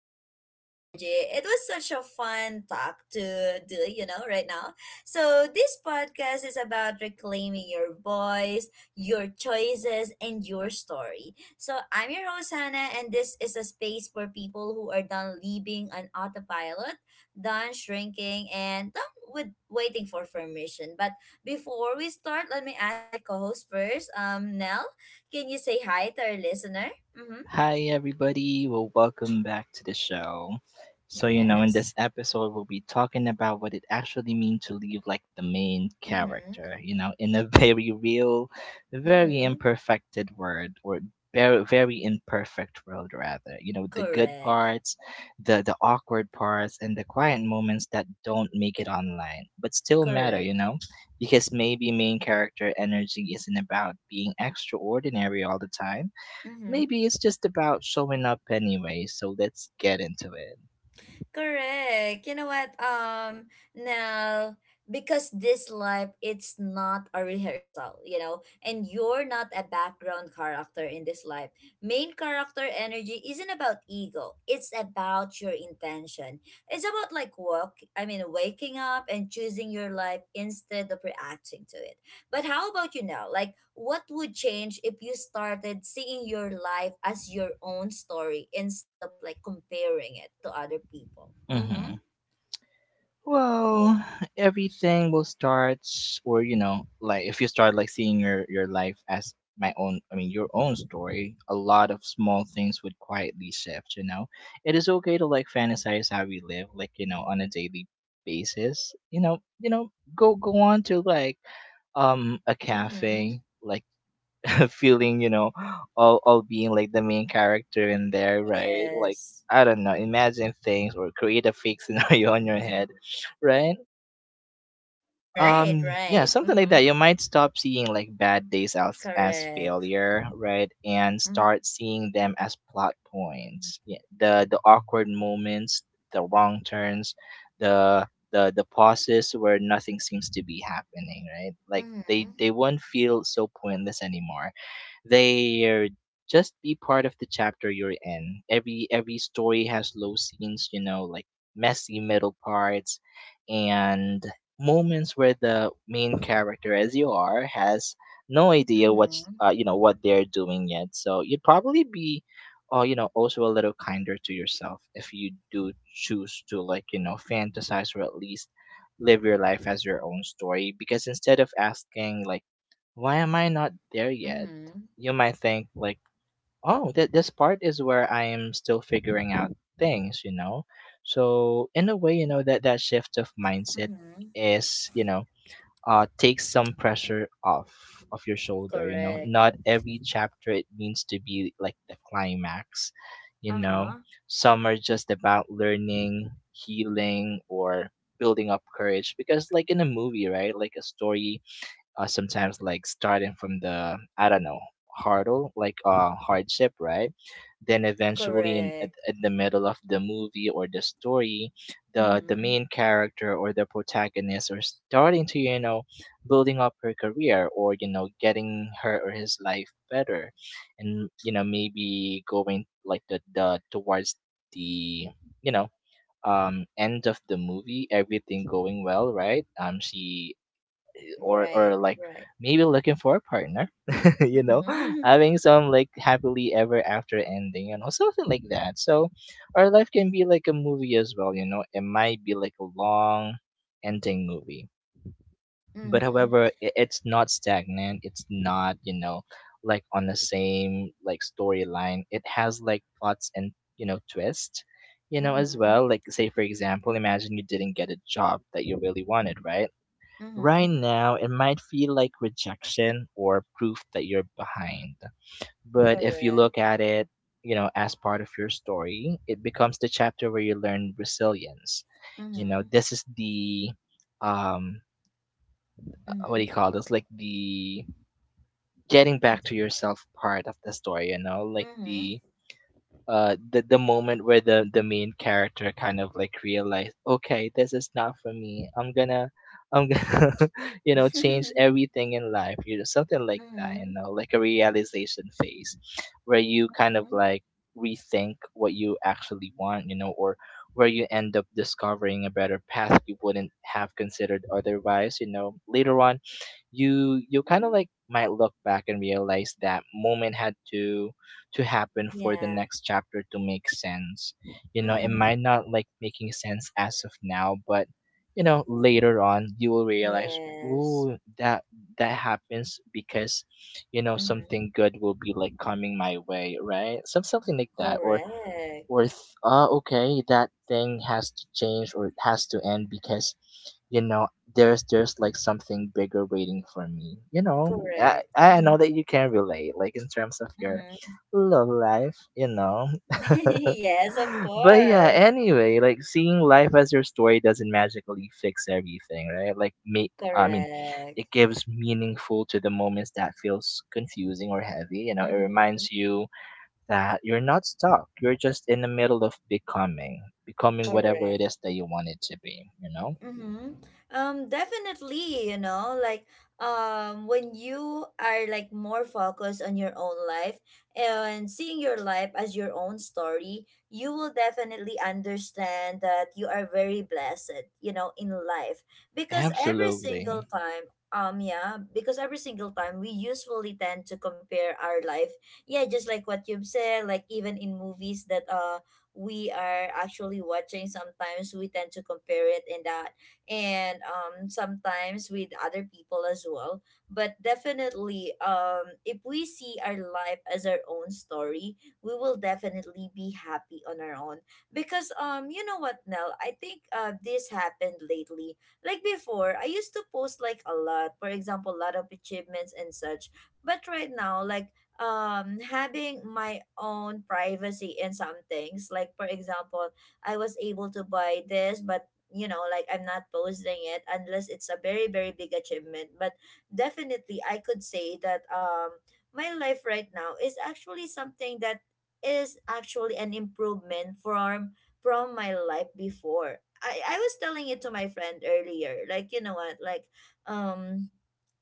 character energy. It was such a fun talk to do, you know, right now. So, this podcast is about reclaiming your voice, your choices, and your story. So, I'm your host, Hannah, and this is a space for people who are done living on autopilot, done shrinking, and done with waiting for permission. But before we start, let me ask my co-host first. Nell, can you say hi to our listener? Mm-hmm. Hi, everybody. Well, welcome back to the show. So, in this Yes. episode, we'll be talking about what it actually means to live like the main Mm-hmm. character, in a very real, very Mm-hmm. imperfected word or very, very imperfect world, rather. The good Correct. parts, the awkward parts, and the quiet moments that don't make it online, but still matter, Correct. you know, because maybe main character energy isn't about being extraordinary all the time. Mm-hmm. Maybe it's just about showing up anyway, so let's get into it. Correct. You know what? Now because this life it's not a rehearsal, you know, and you're not a background character in this life. Main character energy isn't about ego. It's about your intention. It's about like waking up and choosing your life instead of reacting to it. But how about you now? Like, what would change if you started seeing your life as your own story instead of like comparing it to other people? Mm-hmm. Mhm. Yeah. Well, everything will start, or, like if you start like seeing your life as my own, I mean your own story, a lot of small things would quietly shift. It is okay to like fantasize how we live, like on a daily basis. Go on to like a Mm-hmm. cafe, like feeling, all being like the main character in there, right? Like Yes. I don't know, imagine things or create a fake scenario on your head, right? Right, Yeah, right. something like Mm-hmm. that. You might stop seeing like bad days as Correct. failure, right? And start Mm-hmm. seeing them as plot points. Yeah, the awkward moments, the wrong turns, the pauses where nothing seems to be happening, right? Like Mm-hmm. they won't feel so pointless anymore. They're just be part of the chapter you're in. Every story has low scenes, like messy middle parts, and moments where the main character as you are has no idea what's Mm-hmm. You know what they're doing yet. So you'd probably be also a little kinder to yourself if you do choose to like fantasize or at least live your life as your own story. Because instead of asking like, why am I not there yet? Mm-hmm. You might think like, oh, this part is where I am still figuring out things. So in a way that shift of mindset Mm-hmm. is takes some pressure off of your shoulder. Correct. Not every chapter it means to be like the climax you know. Uh-huh. Some are just about learning, healing, or building up courage, because like in a movie, right? Like a story, sometimes like starting from the, I don't know, hurdle, like hardship, right? Then eventually in at, Correct. at the middle of the movie or the story, the Mm-hmm. main character or the protagonist are starting to building up her career or getting her or his life better. And maybe going like the towards the you know end of the movie, everything going well, right? She, or Right, like right. maybe looking for a partner, you know Mm-hmm. having some like happily ever after ending, something like that. So our life can be like a movie as well, it might be like a long ending movie. But Mm-hmm. however, it's not stagnant, it's not, like on the same like storyline. It has like plots and, twist, as Mm-hmm. well. Like say for example, imagine you didn't get a job that you really wanted, right? Right Mm-hmm. now, it might feel like rejection or proof that you're behind. But if you Correct. look at it, as part of your story, it becomes the chapter where you learn resilience. You know, Mm-hmm. this is the, um what do Mhm. you call this? Like the getting back to yourself part of the story, you know, like Mhm. the moment where the main character kind of like realized, okay, this is not for me, I'm gonna change Mhm. everything in life, something like that you Mhm. know like a realization phase where you kind of like rethink what you actually want, or where you end up discovering a better path you wouldn't have considered otherwise. Later on, you kind of like might look back and realize that moment had to happen for the Yeah. next chapter to make sense. It Mhm. might not like making sense as of now, but later on you will realize, Yes. ooh, that that happens because Mhm. something good will be like coming my way, right? Something like that, or Correct. or th- uh, okay, that thing has to change or it has to end, because you know there's like something bigger waiting for me. i Correct. i know Mhm. that you can relate, like in terms of your Mhm. love life, you know? Yes, of But yeah, course. anyway, like seeing life as your story doesn't magically fix everything, right? Like me, I mean, Correct. it gives meaningful to the moments that feels confusing or heavy. It Mhm. reminds you that you're not stuck. You're just in the middle of becoming, becoming whatever it Correct. is that you want it to be, you know? Mm-hmm. Definitely, you know, like when you are like more focused on your own life and seeing your life as your own story, you will definitely understand that you are very blessed, you know, in life. Because every Absolutely. single time yeah, because every single time we usually tend to compare our life, yeah, just like what you've said, like even in movies that we are actually watching, sometimes we tend to compare it in the, and sometimes with other people as well. But definitely, if we see our life as our own story, we will definitely be happy on our own, because you know what, Nell, I think this happened lately. Like before, I used to post like a lot, for example a lot of achievements and such, but right now, like, having my own privacy in some things, like for example, I was able to buy this, but you know, like I'm not posting it unless it's a very, very big achievement. But definitely I could say that my life right now is actually something that is actually an improvement from my life before. I was telling it to my friend earlier, like, you know what, like, um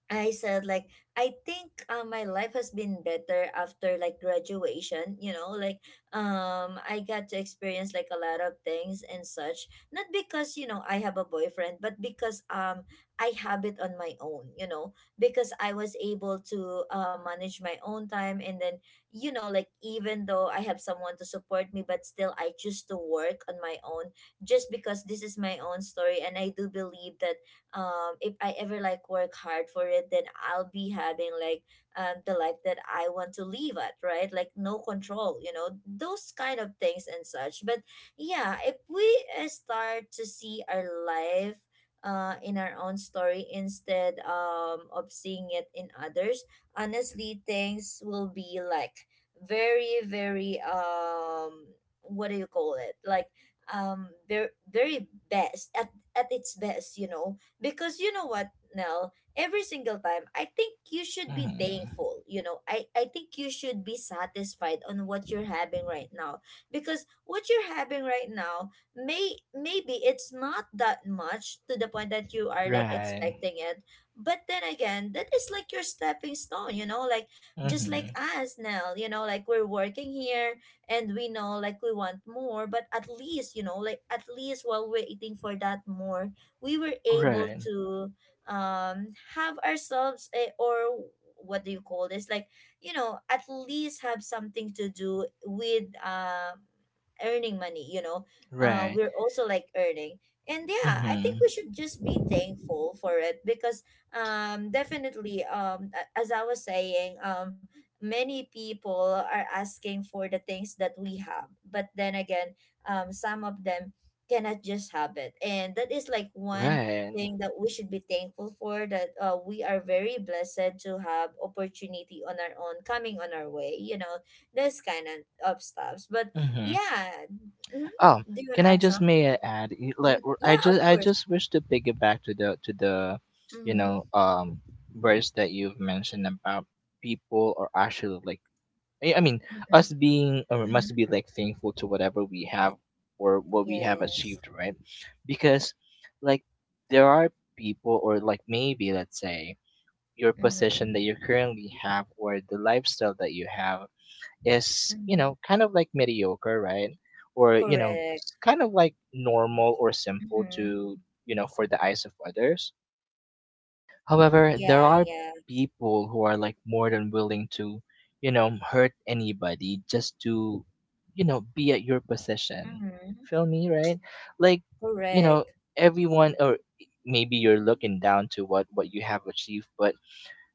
I said like, I think my life has been better after like graduation, you know, like, I got to experience like a lot of things and such. Not because, you know, I have a boyfriend, but because I have it on my own, you know, because I was able to manage my own time, and then, you know, like even though I have someone to support me, but still I choose to work on my own, just because this is my own story. And I do believe that if I ever like work hard for it, then I'll be having like the life that I want to live at, right? Like no control, you know, those kind of things and such. But yeah, if we start to see our life in our own story instead of seeing it in others, honestly things will be like very, very what do you call it, like, very, very best at its best, you know. Because you know what, Nell, every single time, I think you should be Hmm. thankful. You know, I think you should be satisfied on what you're having right now. Because what you're having right now, maybe it's not that much to the point that you are like Right. expecting it. But then again, that is like your stepping stone, you know, like just like Hmm. us, Nell, you know, like we're working here, and we know like we want more, but at least, you know, like, at least while waiting for that more, we were able Right. to have ourselves a, or what do you call this, like, you know, at least have something to do with earning money, you know. Right. We're also like earning, and yeah, I think Hmm. we should just be thankful for it, because definitely as I was saying, many people are asking for the things that we have, but then again, some of them cannot just have it, and that is like one Right. thing that we should be thankful for, that we are very blessed to have opportunity on our own coming on our way, you know, this kind of stuffs. But Hmm. yeah. Mhm. Oh, Do you want can to I add just some? may I add? Like, Mm, I yeah, just of I course. just wish to piggyback to the, you know, Mm-hmm. um, verse that you've mentioned about people are actually like, I mean, Mm-hmm. us being or must Mm-hmm. be like thankful to whatever we have or what we have Yes. achieved, right? Because like there are people, or like maybe let's say your Mm-hmm. position that you currently have, or the lifestyle that you have is, you Mm-hmm. know, kind of like mediocre, right? Or, you know, Correct. s- kind of like normal or simple Mm-hmm. to, for the eyes of others. However, there Yeah, are yeah. people who are like more than willing to, hurt anybody just to, be at your position. Mm-hmm. Feel me, right? Like, you know, Correct. everyone, or maybe you're looking down to what you have achieved. But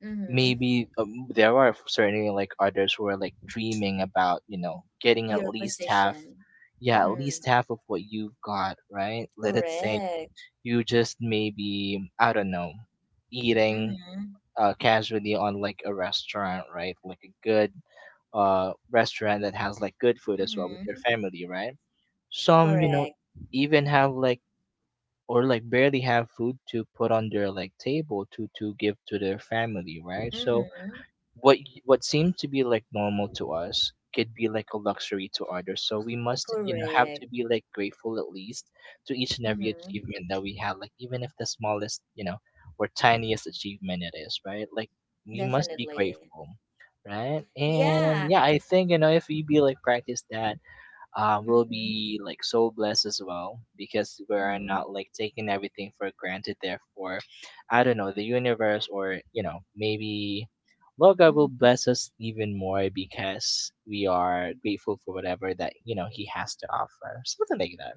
Mm-hmm. maybe, there are certainly like others who are like dreaming about, getting at Your least half, position. yeah, at Mm-hmm. least half of what you've got, right? Let it say Correct. you just maybe, I don't know, eating, Mhm, casually on like a restaurant, right? Like a good restaurant that has like good food as well with your mhm. family, right? Some, Correct. even have like, or like barely have food to put on their like table to give to their family, right? So Mhm. what seemed to be like normal to us could be like a luxury to others. So we must, have to Correct. be like grateful, at least to each and every Mhm. achievement that we have, like even if the smallest or tiniest achievement it is, right? Like we must be Definitely. grateful. Right, Yeah. and yeah, I think, if we be like practice that, will Mhm, be like so blessed as well, because we're mhm, not like taking everything for granted. Therefore, I don't know, the universe, or maybe Lord God will mhm. bless us even more, because we are grateful for whatever that He has to offer, something like that.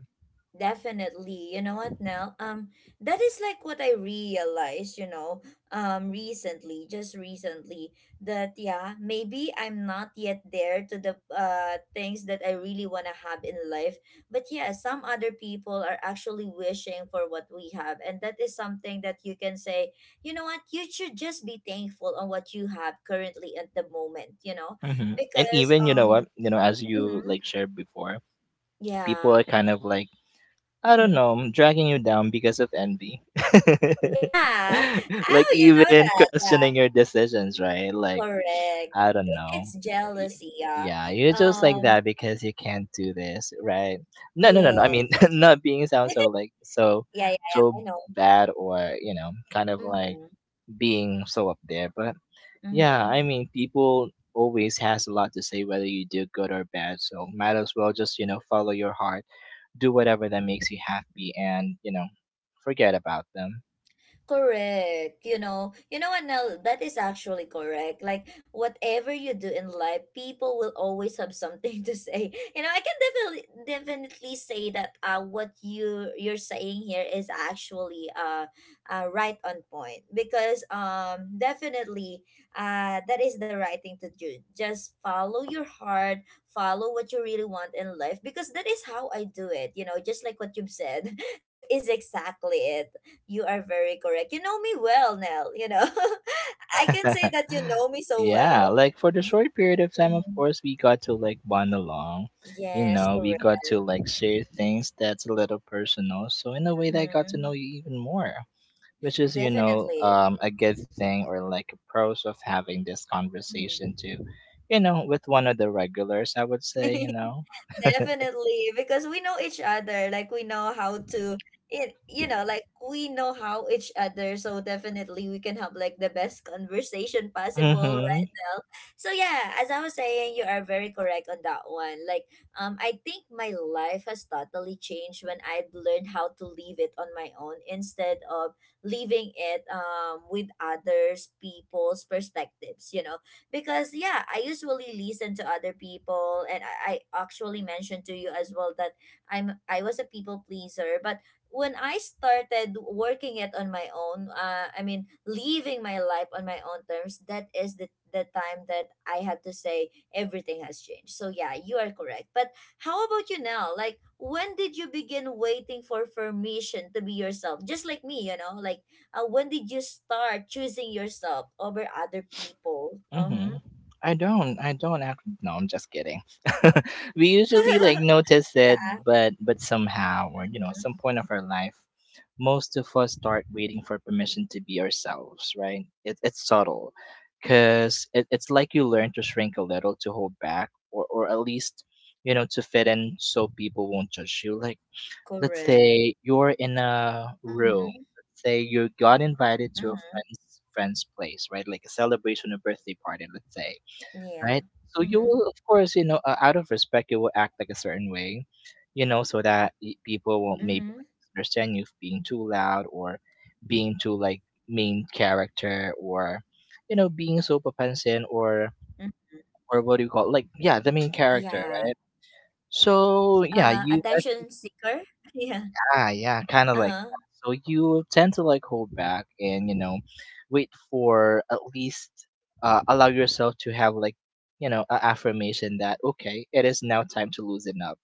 Definitely. You know what, Nell? That is like what I realized, you know, recently, just recently, that yeah, maybe I'm not yet there to the things that I really wanna have in life. But yeah, some other people are actually wishing for what we have, and that is something that you can say, you know what, you should just be thankful on what you have currently at the moment, you know, Hmm. And because even, what, as you mm-hmm, like shared before, yeah, people are kind of like, I don't mm-hmm. know, dragging you down because of envy. Yeah. Like Oh, you know even that. Yeah. questioning your decisions, right? Like Correct. I- I don't it's know. Y- jealousy. Yeah. Yeah, you're just like that Um. because you can't do this, right? No, no, no, no. I mean, Yes. not being sound so like so Yeah. Yeah. Yeah. so I know. bad, or kind of like Mm-hmm. being so up there. But yeah, I Mm-hmm. mean, people always has a lot to say whether you do good or bad. So might as well just, follow your heart, do whatever that makes you happy and, forget about them. Correct. You know what, Nell, that is actually correct. Like, whatever you do in life, people will always have something to say. You know, I can definitely say that what you're saying here is actually right on point, because definitely that is the right thing to do. Just follow your heart, follow what you really want in life, because that is how I do it. You know, just like what you've said, that is exactly it. You are very correct. You know me well, Nell. You know, I can say that you know me so Yeah, well. like for the short period of time, of Mhm. course, we got to like bond along. You Yes, know, we correct. got to like share things that's a little personal. So, in a way, that I got to know Mhm. you even more, which is, Definitely. A good thing, or like a pros of having this Mhm. conversation too, with one of the regulars, I would say, you know. Definitely, because we know each other, like we know how to it, you know, like we know how each other, so definitely we can have like the best conversation possible, right now. So yeah, as I was saying, you are very correct on that one. Like, I think my life has totally changed when I've learned how to leave it on my own, instead of leaving it with others people's perspectives, you know. Because yeah, I usually listen to other people, and I actually mentioned to you as well that I was a people pleaser, but when I started working it on my own, living my life on my own terms, that is the time that I have to say everything has changed. So yeah, you are correct. But how about you now? Like, when did you begin waiting for permission to be yourself, just like me, you know? Like, when did you start choosing yourself over other people? Uh-huh. Mm-hmm. I don't. I don't. Actually, no, I'm just kidding. We usually like notice it, Yeah. but somehow, or some Mm-hmm. point of our life, most of us start waiting for permission to be ourselves. Right? It's subtle, cause it's like you learn to shrink a little, to hold back, or at least, to fit in so people won't judge you. Like, let's Correct. say you're in a room. Mm-hmm. Let's say you got invited to a Mm-hmm. friend's friend's place, right? Like a celebration, a birthday party, let's say, Yeah. right? So you Mm-hmm. will, of course, out Go of respect, on. you will act like a certain way, you know, so that people won't maybe Mm-hmm. understand you being too loud or being too like main character or, you know, being so Papansin Mm-hmm. or what do you call like yeah the main character, Yeah. right? So yeah, you. Attention seeker. Yeah. Ah, yeah, kinda like Uh-huh. that. So you tend to, like, hold back and, you know, wait for at least, allow yourself to have, like, you know, a affirmation that, "Okay, it is now time to loosen up."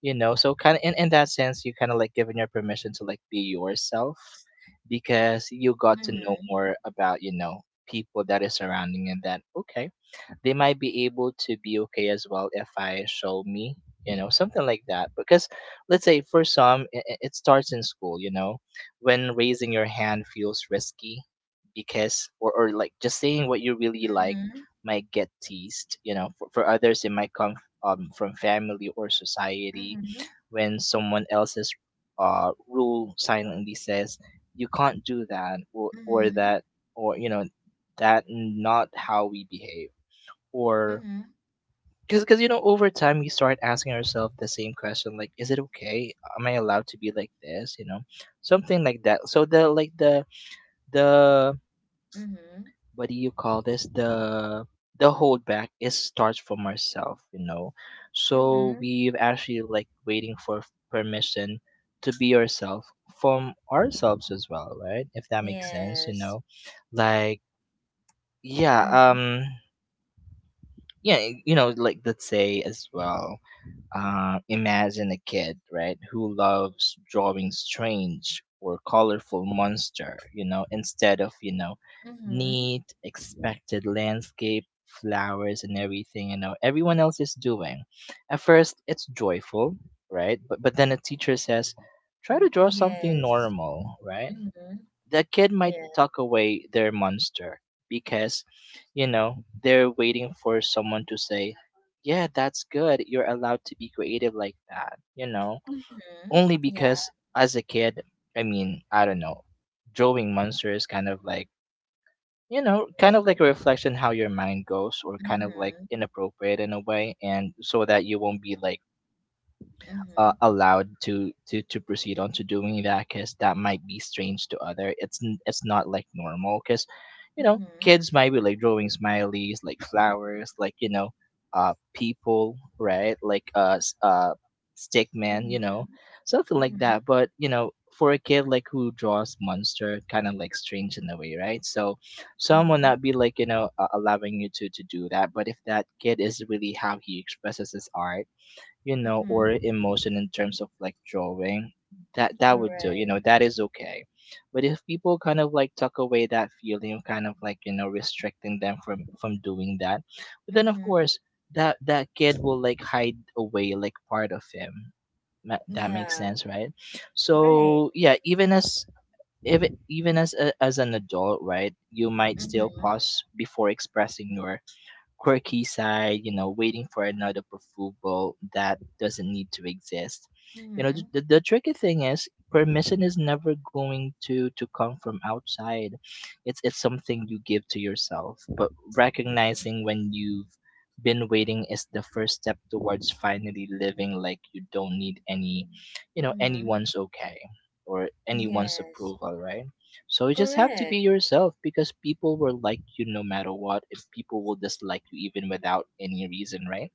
You know? So kinda in that sense, you kinda, like, giving your permission to, like, be yourself because you got to know Mm-hmm. more about, you know, people that is surrounding and that, "Okay, they might be able to be okay as well if I show me, you know, something like that." Because let's say for some, it starts in school, you know, when raising your hand feels risky because, or, like just saying what you really like Mm-hmm. might get teased, you know, for others, it might come from family or society Mm-hmm. when someone else's rule silently says you can't do that or Mm-hmm. that, or you know that not how we behave. Or Mm-hmm. because you know, over time, we start asking ourselves the same question, like, is it okay? Am I allowed to be like this, you know, something like that? So the like the Mm-hmm. what do you call this, the holdback is starts from ourselves, you know. So Mm-hmm. we've actually like waiting for permission to be yourself from ourselves as well, right? If that makes sense, you Yes. know? Like, yeah. Mm-hmm. Yeah you know, like, let's say as well, imagine a kid, right, who loves drawing strange or colorful monster, you know, instead of, you know, Mm-hmm. neat, expected landscape, flowers and everything, you know, everyone else is doing. At first it's joyful, right? But then a teacher says, try to draw something Yes. normal, right? Mm-hmm. The kid might Yeah. tuck away their monster because, you know, they're waiting for someone to say, yeah, that's good, you're allowed to be creative like that, you know. Mm-hmm. Only Yeah. because, as a kid, I mean, I don't know, drawing monster is kind of like, you know, kind of like a reflection how your mind goes, or kind of like Mm-hmm. inappropriate in a way, and so that you won't be like Mhm. allowed to proceed on to doing that because that might be strange to other. It's not like normal because, you know, Mhm. kids might be like drawing smileys, like flowers, like, you know, people, right? Like stick man, you know, Mhm. something like Mhm. that. But you know, for a kid like who draws monster, kind of like strange in a way, right? So some will not Mhm. be like, you know, allowing you to do that. But if that kid is really how he expresses his art, you know, or Mhm. emotion in terms of like drawing, that that would do. You Correct. know, that is okay. But if people kind of like tuck away that feeling, kind of like, you know, restricting them from doing that, but then of Mhm. course that that kid will like hide away like part of him. That makes Yeah. sense, right? Right. So yeah, even as even as a, as an adult, right, you might still Mhm. pause before expressing your quirky side, you know, waiting for another approval that doesn't need to exist. You know, the, Mhm. the, the tricky thing is permission is never going to come from outside. It's something you give to yourself, but recognizing when you've been waiting is the first step towards finally living like you don't need any, you know, Mhm. anyone's okay or anyone's Yes. approval, right? So you just have to be Correct. yourself because people will like you no matter what, and people will dislike you even without any reason, right?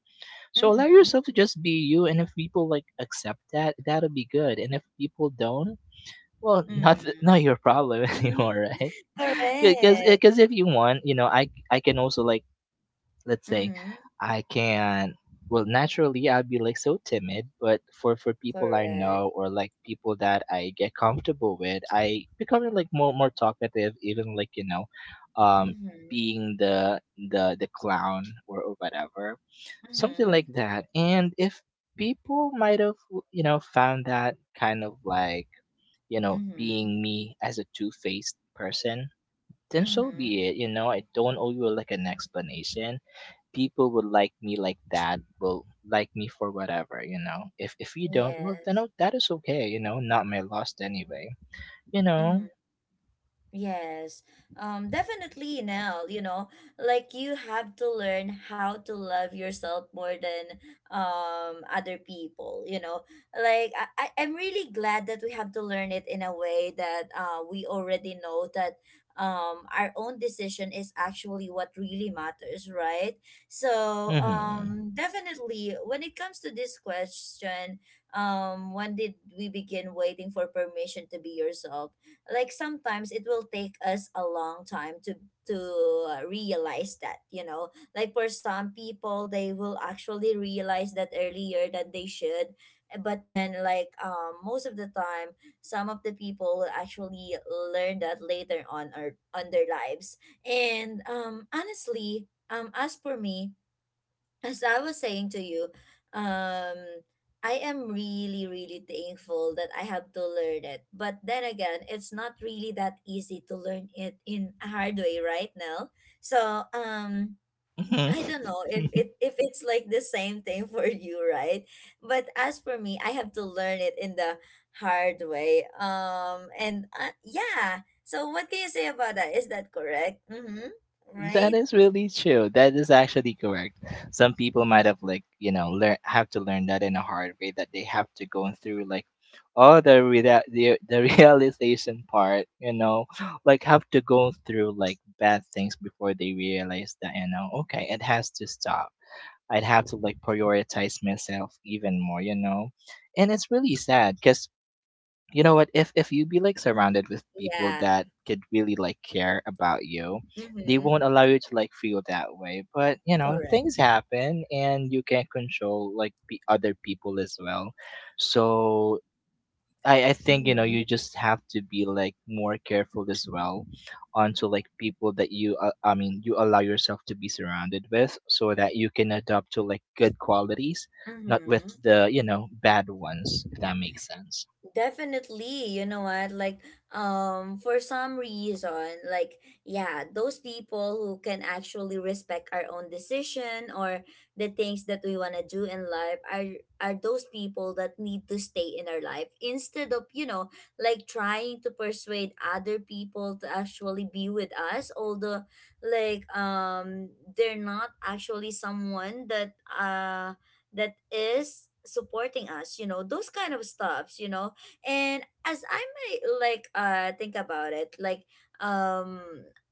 So allow Mhm. yourself to just be you, and if people like accept that, that'll be good. And if people don't, well, Mm. not your problem anymore, right? Because Correct. because if you want, you know, I can also like, let's say, Mhm. I can, well, naturally I'd be like so timid, but for people I Correct. know or like people that I get comfortable with, I become like more talkative, even like, you know, um Mhm. being the clown or whatever, something Mhm. like that. And if people might have, you know, found that kind of like, you know, Mhm. being me as a two faced person, then so be Mhm. it. You know, I don't owe you like an explanation. People would like me, like that will like me for whatever, you know. If you don't, well, then, Yes. oh, that is okay, you know, not my loss anyway, you Mhm. know. Yes, definitely now, you know, like you have to learn how to love yourself more than other people, you know. Like I'm really glad that we have to learn it in a way that we already know that our own decision is actually what really matters, right? So Hmm. Definitely when it comes to this question, when did we begin waiting for permission to be yourself? Like sometimes it will take us a long time to to realize that, you know, like for some people they will actually realize that earlier than they should, but then like most of the time some of the people will actually learn that later on or on their lives. And honestly as for me, as I was saying to you, um, I am really, really thankful that I have to learn it. But then again, it's not really that easy to learn it in a hard way right now. So, Hmm. I don't know if it if it's like the same thing for you, right? But as for me, I have to learn it in the hard way. And Yeah. So what can you say about that? Is that correct? Mm-hmm. That Right? is really true. That is actually correct. Some people might have like, you know, learn have to learn that in a hard way, that they have to go through like all the realization part, you know, like have to go through like bad things before they realize that, you know, okay, it has to stop. I'd have to like prioritize myself even more, you know? And it's really sad because, you know what, if you be like surrounded with people Yeah. that could really like care about you, they Mm-hmm. won't allow you to like feel that way. But you know, Correct. things happen and you can't control like the other people as well. So I think, you know, Mhm, you just have to be like more careful as well onto like people that you I mean you allow yourself to be surrounded with, so that you can adopt to like good qualities, not with mhm. the, you know, bad ones, if that makes sense. Definitely, you know what? For some reason, like, yeah, those people who can actually respect our own decision or the things that we want to do in life are those people that need to stay in our life instead of, you know, like trying to persuade other people to actually be with us, although like um they're not actually someone that that is supporting us, you know, those kind of stuffs, you know and as I may think about it, like um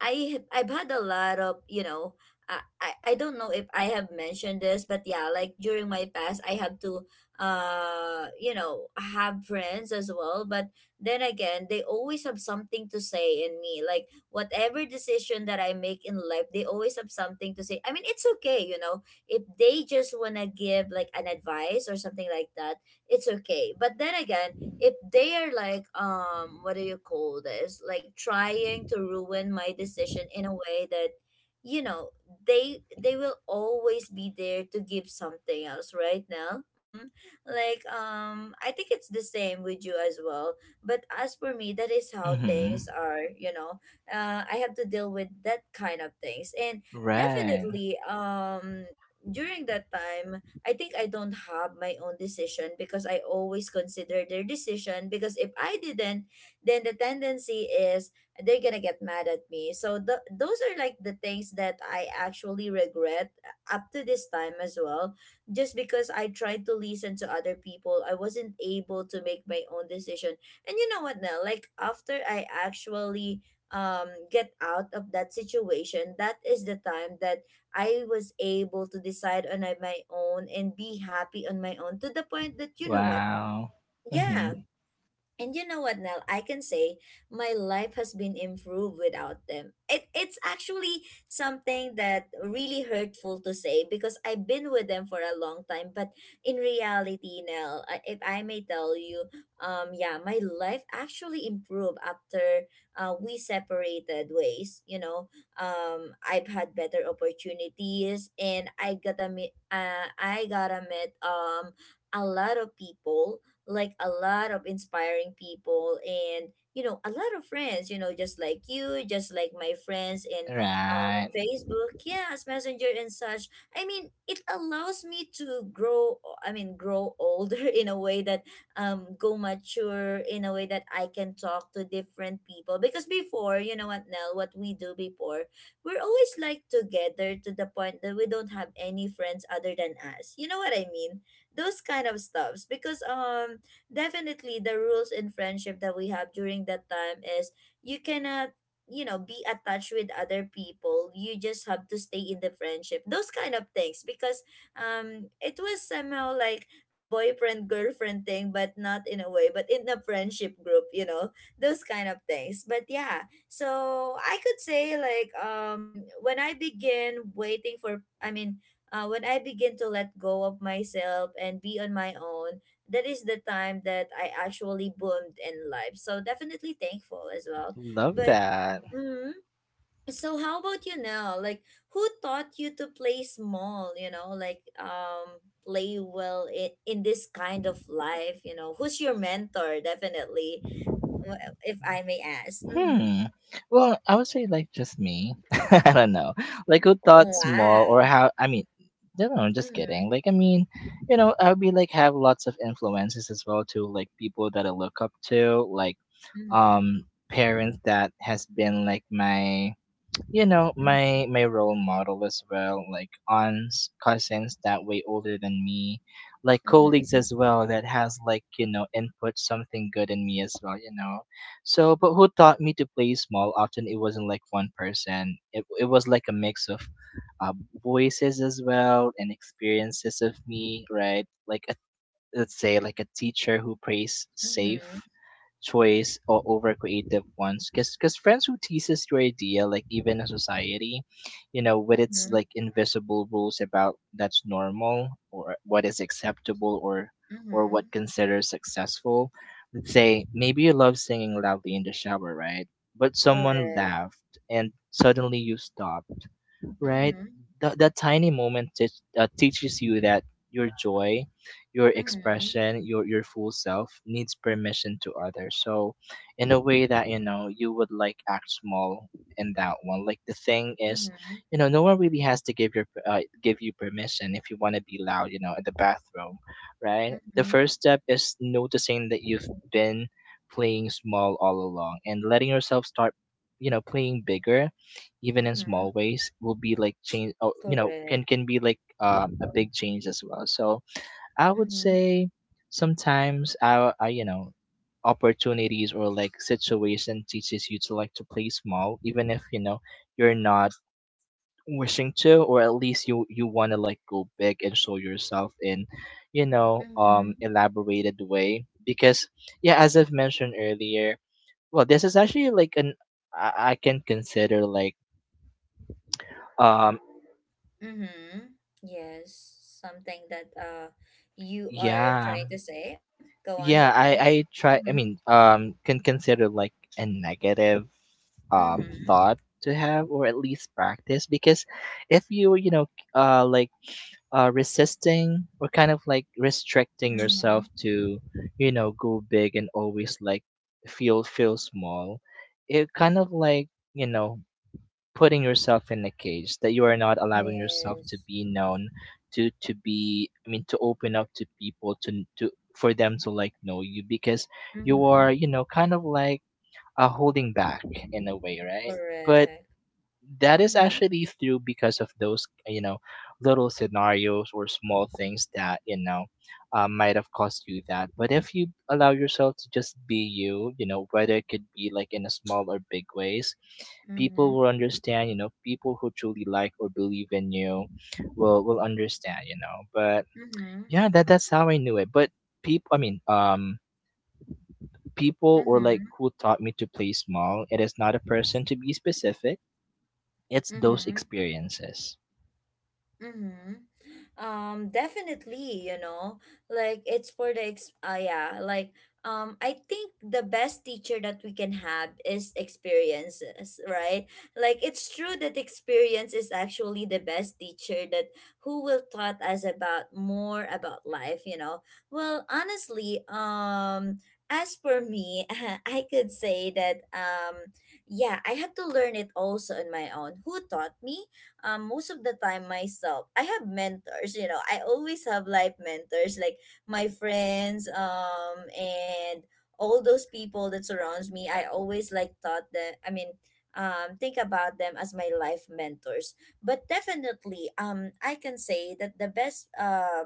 I've had a lot of you know I don't know if I have mentioned this, but yeah, like during my past, I have to you know have friends as well, but then again, they always have something to say in me, like whatever decision that I make in life, they always have something to say. I mean, it's okay, you know, if they just wanna give like an advice or something like that, it's okay. But then again if they are like what do you call this like trying to ruin my decision in a way that you know they will always be there to give something else right now. Mm-hmm. Like I think it's the same with you as well but as for me that is how Mhm. things are, you know. I have to deal with that kind of things and Right. definitely, during that time I think I don't have my own decision because I always consider their decision because if I didn't, then the tendency is they're going to get mad at me. So the those are like the things that I actually regret up to this time as well just because I tried to listen to other people. I wasn't able to make my own decision. And you know what, now? Like after I actually get out of that situation, that is the time that I was able to decide on my own and be happy on my own to the point that you know what? Wow. Mhm. Yeah, and you know what, Nell? I can say my life has been improved without them. It's actually something that really hurtful to say because I've been with them for a long time. But in reality, Nell, if I may tell you, yeah, my life actually improved after we separated ways. You know, I've had better opportunities, and I gotta meet a lot of people, like a lot of inspiring people, and you know a lot of friends, you know, just like you, just like my friends in Right. Facebook, yes, Messenger and such. I mean, it allows me to grow, I mean grow older in a way that go mature in a way that I can talk to different people, because before, you know what, Nell, what we do before, we're always like together to the point that we don't have any friends other than us, you know what I mean, those kind of stuffs, because definitely the rules in friendship that we have during that time is you cannot, you know, be attached with other people, you just have to stay in the friendship, those kind of things because it was somehow like a boyfriend girlfriend thing, but not in a way, but in a friendship group, you know, those kind of things. But yeah, so I could say like when I begin waiting for I mean when I begin to let go of myself and be on my own, that is the time that I actually boomed in life. So definitely thankful as well. Love But that. mm, so how about you now? Like who taught you to play small? You know, like play well in this kind of life. You know, who's your mentor? Definitely, if I may ask. Mm-hmm. Hmm. Well, I would say like just me. I don't know. Like who thought small or Wow. how, I mean, I don't know, just Mm-hmm, kidding. Like I mean, you know, I would be like have lots of influences as well to like people that I look up to, like, mm-hmm, um parents that has been like my, you know, my role model as well, like aunts, cousins that way older than me, like mm-hmm, colleagues mm-hmm, as well that has like, you know, input something good in me as well, you know. So but who taught me to play small often, it wasn't like one person, it was like a mix of uh, voices as well and experiences of me, right? Like a, let's say like a teacher who plays mm-hmm, safe choice or over creative ones, because friends who teases your idea, like even a society, you know, with its mm-hmm. like invisible rules about that's normal or what is acceptable, or what Mm-hmm. considers successful. Let's say maybe you love singing loudly in the shower, right? But someone Correct. laughed and suddenly you stopped, right? Mm-hmm. That, that tiny moment teaches you that your joy, your Mm-hmm. expression, your full self needs permission to others. So, in a way that, you know, you would like act small in that one. Like the thing is, Mm-hmm. you know, no one really has to give your give you permission if you want to be loud, you know, in the bathroom, right? The first Mm-hmm. step is noticing that you've been playing small all along and letting yourself start, you know, playing bigger, even in Mm-hmm. small ways will be like change, oh, you know, Correct. can be like a big change as well. So I would Mm-hmm. say sometimes I you know, opportunities or like situation teaches you to like to play small even if, you know, you're not wishing to, or at least you want to like go big and show yourself in, you know, Mm-hmm. Elaborated way. Because yeah, as I've mentioned earlier, well, this is actually like an, I can consider like, um Mm-hmm. Yes. Something that you are yeah. trying to say. Mm-hmm. Go on, Yeah, go I on. I try I Mm-hmm. mean, um can consider like a negative Mm-hmm. thought to have or at least practice because if you, you know, like resisting or kind of like restricting Mm-hmm. yourself to, you know, go big and always like feel small. It kind of like, you know, putting yourself in a cage that you are not allowing yourself to Yes. be known to be I mean to open up to people to for them to like know you, because you Mm-hmm. are, you know, kind of like holding back in a way, right? But Correct. that is Mm-hmm. actually through because of those, you know, little scenarios or small things that, you know, might have caused you that. But if you allow yourself to just be you, you know, whether it could be like in a small or big ways, people Mm-hmm. will understand, you know. People who truly like or believe in you will understand, you know. But Mm-hmm. yeah, that's how I knew it. But people I mean people or like Mm-hmm. who taught me to play small, it is not a person to be specific. It's those Mm-hmm. experiences. Mm-hmm. Definitely, you know, like it's for the ex yeah, like I think the best teacher that we can have is experiences, right? Like it's true that experience is actually the best teacher that who will taught us about more about life, you know. Well, honestly, as for me, I could say that yeah, I have to learn it also on my own. Who taught me? Most of the time myself. I have mentors, you know, I always have life mentors like my friends, and all those people that surrounds me. I always like thought that, I mean think about them as my life mentors. But definitely, I can say that the best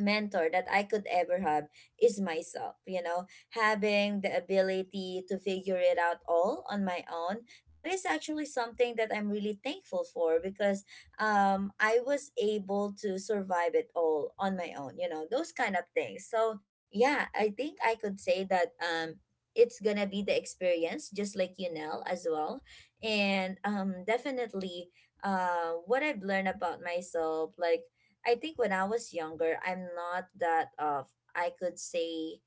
mentor that I could ever have is myself, you know, having the ability to figure it out all on my own. That is actually something that I'm really thankful for because I was able to survive it all on my own, you know, those kind of things. So, yeah, I think I could say that it's gonna be the experience just like you know as well, and definitely what I've learned about myself, like I think when I was younger, I'm not that of, I could say,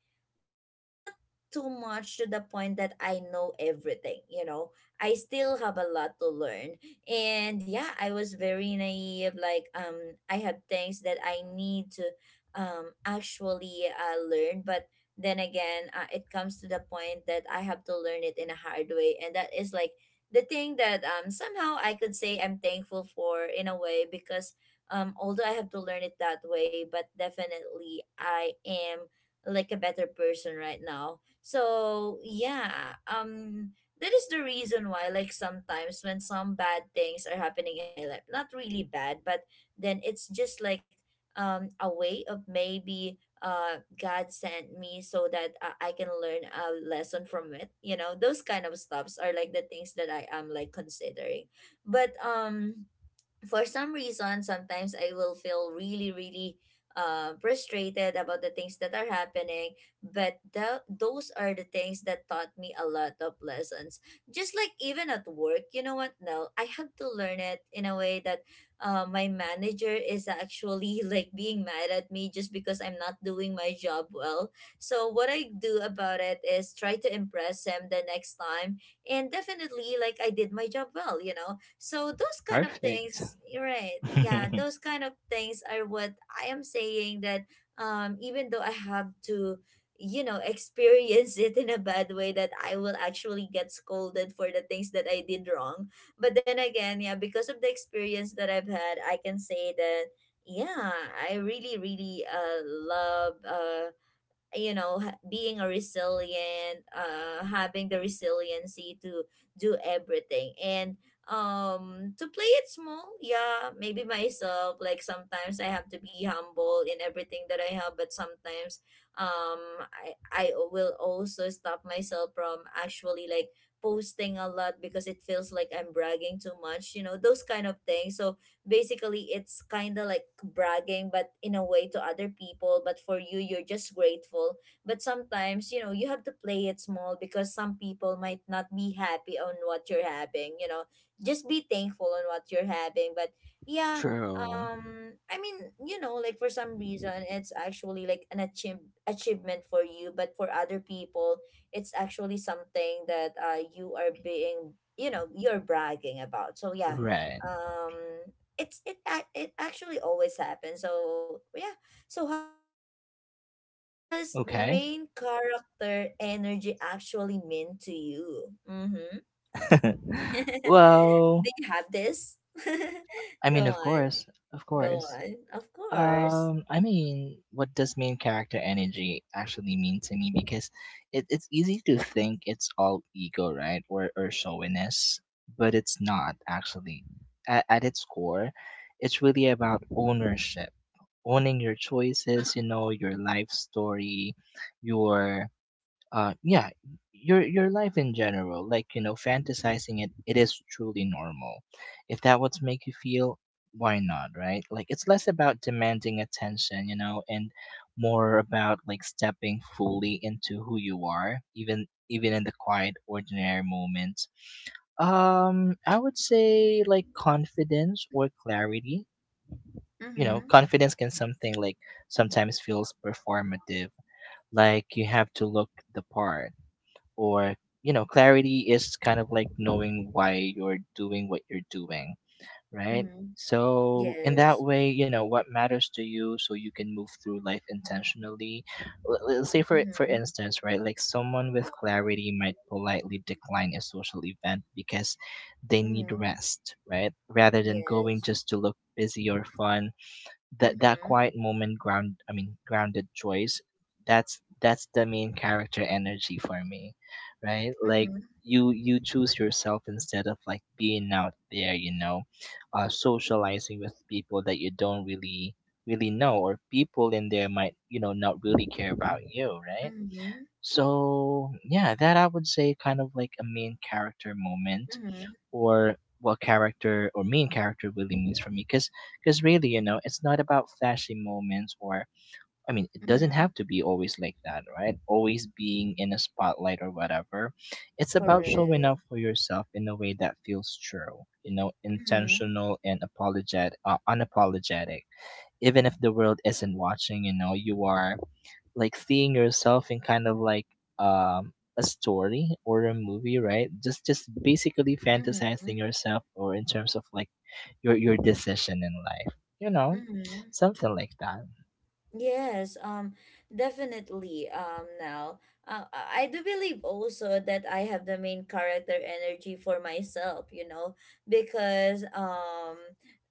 not too much to the point that I know everything, you know. I still have a lot to learn. And yeah, I was very naive. Like, I have things that I need to actually learn, but then again, it comes to the point that I have to learn it in a hard way, and that is like the thing that somehow I could say I'm thankful for in a way, because although I have to learn it that way, but definitely I am like a better person right now. So yeah, that is the reason why like sometimes when some bad things are happening in my life, not really bad, but then it's just like a way of maybe God sent me so that I can learn a lesson from it. You know, those kind of stuffs are like the things that I am like considering. But for some reason sometimes I will feel really, really frustrated about the things that are happening, but those are the things that taught me a lot of lessons, just like even at work, you know what, no, I have to learn it in a way that my manager is actually like being mad at me just because I'm not doing my job well. So what I do about it is try to impress him the next time, and definitely like I did my job well, you know. So those kind of Perfect. things, you're right? Yeah, those kind of things are what I am saying that, even though I have to, you know, experience it in a bad way, that I will actually get scolded for the things that I did wrong. But then again, yeah, because of the experience that I've had, I can say that yeah, I really, really love you know being a resilient having the resiliency to do everything, and to play it small. Yeah, maybe myself, like sometimes I have to be humble in everything that I have, but sometimes I will also stop myself from actually like posting a lot because it feels like I'm bragging too much, you know, those kind of things. So basically it's kind of like bragging but in a way to other people, but for you you're just grateful. But sometimes, you know, you have to play it small because some people might not be happy on what you're having, you know, just be thankful on what you're having. But yeah, True. I mean, you know, like for some reason it's actually like an achievement for you, but for other people it's actually something that you are being, you know, you're bragging about. So yeah, Right. um it actually always happens. So yeah. So how about you now? Like, what does Okay. main character energy actually mean to you? Mm-hmm. Well, Do you have this? I mean, Go of on, course, of go course. on. Of course. I mean, what does main character energy actually mean to me? Because it's easy to think it's all ego, right, or showiness, but it's not actually. At its core, it's really about ownership, owning your choices. You know, your life story, your uh yeah your life in general, like, you know, fantasizing it, it is truly normal. If that what's make you feel, why not, right? Like, it's less about demanding attention, you know, and more about like stepping fully into who you are, even in the quiet ordinary moments. I would say like Yes, yes. confidence Mm-hmm. or clarity. You know, Mm-hmm. confidence can something like sometimes feels performative, like you have to look the part, or, you know, clarity is kind of like knowing why you're doing what you're doing, right? Mm-hmm. So in that Yes. way, you know what matters to you, so you can move through life intentionally. Let's say for Mm-hmm. instance, right, like someone with clarity might politely decline a social event because they need Mm-hmm. rest, right, rather than going Yes. just to look busy or fun. That Mm-hmm. quiet moment ground, grounded choice, that's the main character energy for me, right? Like Mm-hmm. you choose yourself instead of like being out there, you know, socializing with people that you don't really know, or people in there might, you know, not really care about you, right? Mm-hmm. So yeah, that I would say kind of like a main character moment, Mm-hmm. or what character or main character really means for me. Because really, you know, it's not about flashy moments, or I mean it doesn't Mm-hmm. have to be always like that, right? Always being in a spotlight or whatever. It's about showing Correct. up for yourself in a way that feels true, you know, Mm-hmm. intentional and apologetic, unapologetic. Even if the world isn't watching, you know, you are like seeing yourself in kind of like um a story or a movie, right? Just basically Mm-hmm. fantasizing yourself, or in terms of like your decision in life, you know, Mm-hmm. something like that. Yes, definitely, now. I do believe also that I have the main character energy for myself, you know, because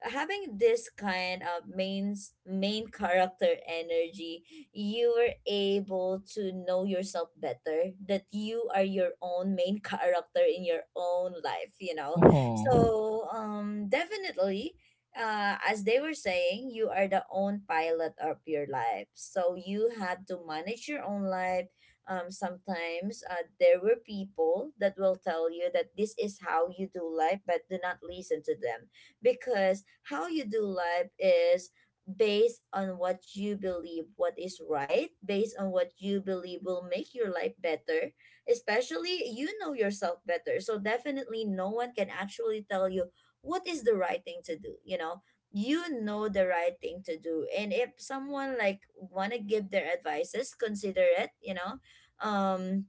having this kind of main character energy, you were able to know yourself better, that you are your own main character in your own life, you know. Hmm. So, definitely as they were saying, you are the own pilot of your life. So you had to manage your own life. Sometimes there were people that will tell you that this is how you do life, but do not listen to them, because how you do life is based on what you believe what is right, based on what you believe will make your life better. Especially, you know yourself better, so definitely no one can actually tell you what is the right thing to do, you know. You know the right thing to do, and if someone like want to give their advices, consider it, you know. um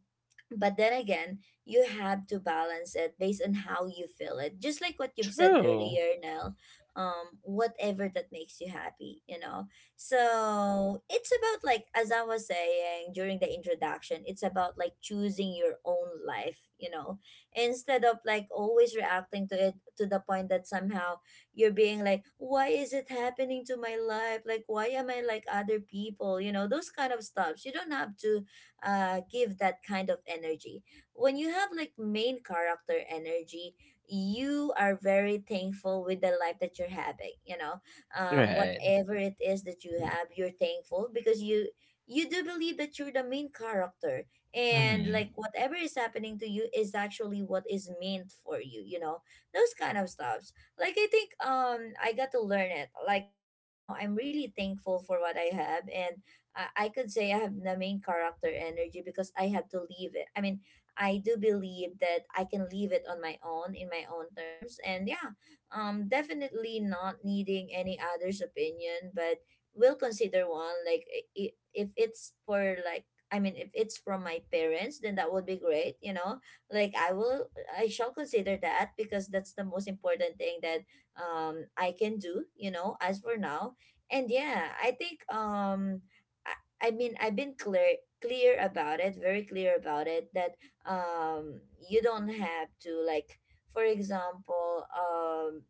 but then again, you have to balance it based on how you feel, it just like what you've said True. earlier, Nell. Whatever that makes you happy, you know. So it's about like, as I was saying during the introduction, it's about like choosing your own life, you know, instead of like always reacting to it to the point that somehow you're being like, why is it happening to my life, like why am I like other people? You know, those kind of stuffs, you don't have to give that kind of energy. When you have like main character energy, you are very thankful with the life that you're having. You know, Right. whatever it is that you have, you're thankful because you do believe that you're the main character, and like Hmm. whatever is happening to you is actually what is meant for you, you know. Those kind of stuffs, like I think I got to learn it like right now. I'm really thankful for what I have. And I could say I have the main character energy, because I have to leave it. I mean, I do believe that I can leave it on my own in my own terms. And yeah, definitely not needing any other's opinion, but will consider one. Like if it's for like, I mean, if it's from my parents, then that would be great, you know. Like I will, I shall consider that because that's the most important thing that I can do, you know. As for now. And yeah, I think I, I mean, I've been clear about it, very clear about it, that um you don't have to like, for example,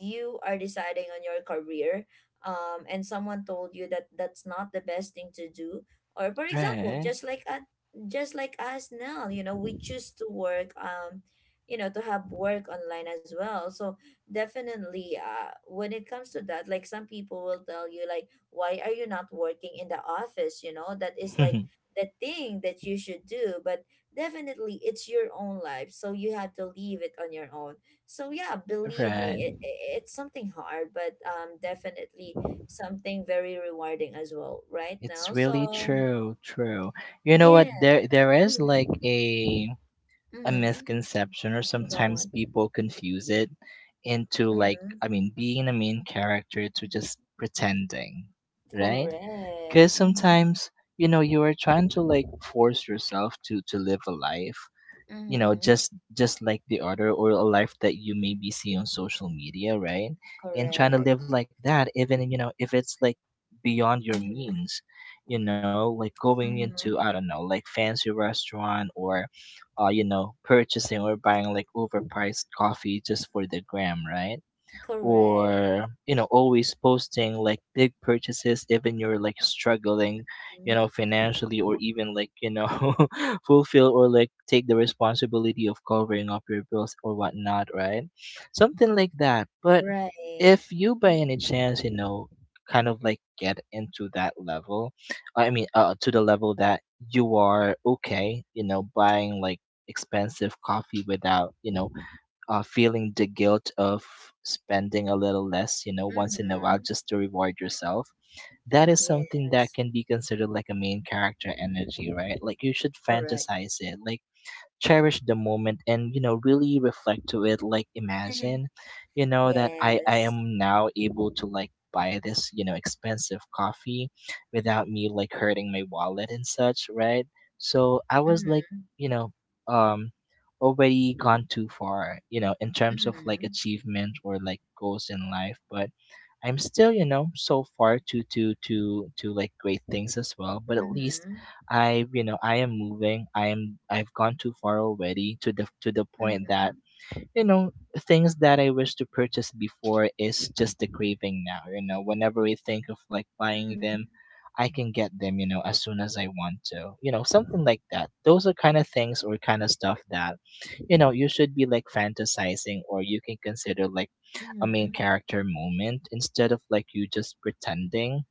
you are deciding on your career and someone told you that that's not the best thing to do. Or for example, Right. Just like us now, you know, we choose to work, you know, to have work online as well. So definitely when it comes to that, like some people will tell you like, why are you not working in the office? You know, that is like the thing that you should do, but definitely it's your own life, so you have to leave it on your own. So yeah, believe me, Right. It's something hard, but definitely something very rewarding as well right It's now. really So true, true. You know what, yeah. there is Mm-hmm, like a mm-hmm. misconception, or Go sometimes on. people confuse it into, like, Mm-hmm. I mean, being a main character to just pretending, right? Correct, Because mm-hmm, sometimes, you know, you are trying to like force yourself to live a life, you know, mm-hmm. Just like the other, or a life that you maybe see on social media, right? And trying to Correct, live like that, even, you know, if it's like beyond your mm-hmm, means, you know, like going into, I mm-hmm. don't know, like fancy restaurant, or you know, purchasing or buying like overpriced coffee just for the gram, right? Correct. Or, you know, always posting like big purchases, even you're like struggling, Mhm. you know, financially, or even like, you know, fulfill or like take the responsibility of covering up your bills or whatnot, right? Something like that. But Right. if you by Mm-hmm, any chance, you know, kind of like get into that level, to the level that you are okay, you know, buying like expensive coffee without, you know, feeling the guilt of spending a little less, you know, once in a while mm-hmm. just to reward yourself. That is something that Yes, can be considered like a main character energy, right? Like, you should correct. fantasize it. Like cherish the moment and, you know, really reflect to it. Like, imagine, you know, that I Yes. am now able to like buy this, you know, expensive coffee without me like hurting my wallet and such, right? So I was like, Mm-hmm. you know, um already gone too far, you know, in terms of like Mm-hmm. achievement or like goals in life. But I'm still, you know, so far to like great things as well, but at least Mm-hmm. I, you know, I am moving. I've gone too far already, to the point Mm-hmm. that, you know, things that I wish to purchase before is just the craving now, you know. Whenever we think of like buying Mm-hmm. them, I can get them, you know, as soon as I want to, you know. Something like that. Those are kind of things, or kind of stuff that, you know, you should be like fantasizing, or you can consider like Mm-hmm. a main Mm-hmm. character moment, instead of like you just pretending,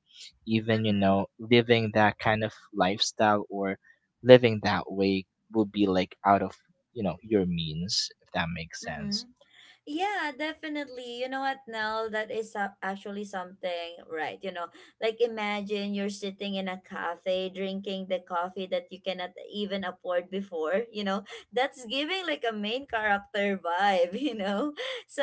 even, you Mm-hmm. know, living that kind of lifestyle, or living that way will be like out of, you know, your means, if that makes sense. Mm-hmm. Yeah, definitely. You know what, Nell? That is so- actually something, right? You know, like imagine you're sitting in a cafe drinking the coffee that you cannot even afford before. You know, that's giving like a main character vibe. You know, so,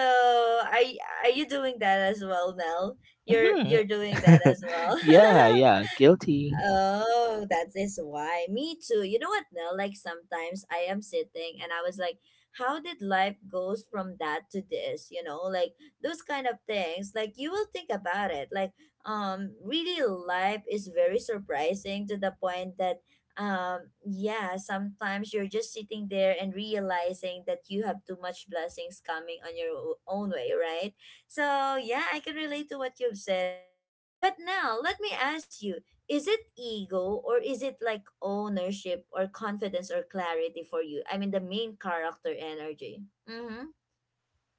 are y- are you doing that as well, Nell? You're Hmm. you're doing that as well. Yeah, yeah, guilty. Oh, that is why. Me too. You know what, Nell? Like sometimes I am sitting and I was like, how did life goes from that to this? You know, like those kind of things. Like you will think about it. Like, really life is very surprising to the point that yeah, sometimes you're just sitting there and realizing that you have too much blessings coming on your own way, right? So yeah, I can relate to what you've said now. But now let me ask you, is it ego or is it like ownership or confidence or clarity for you? I mean, the main character energy. Mm-hmm.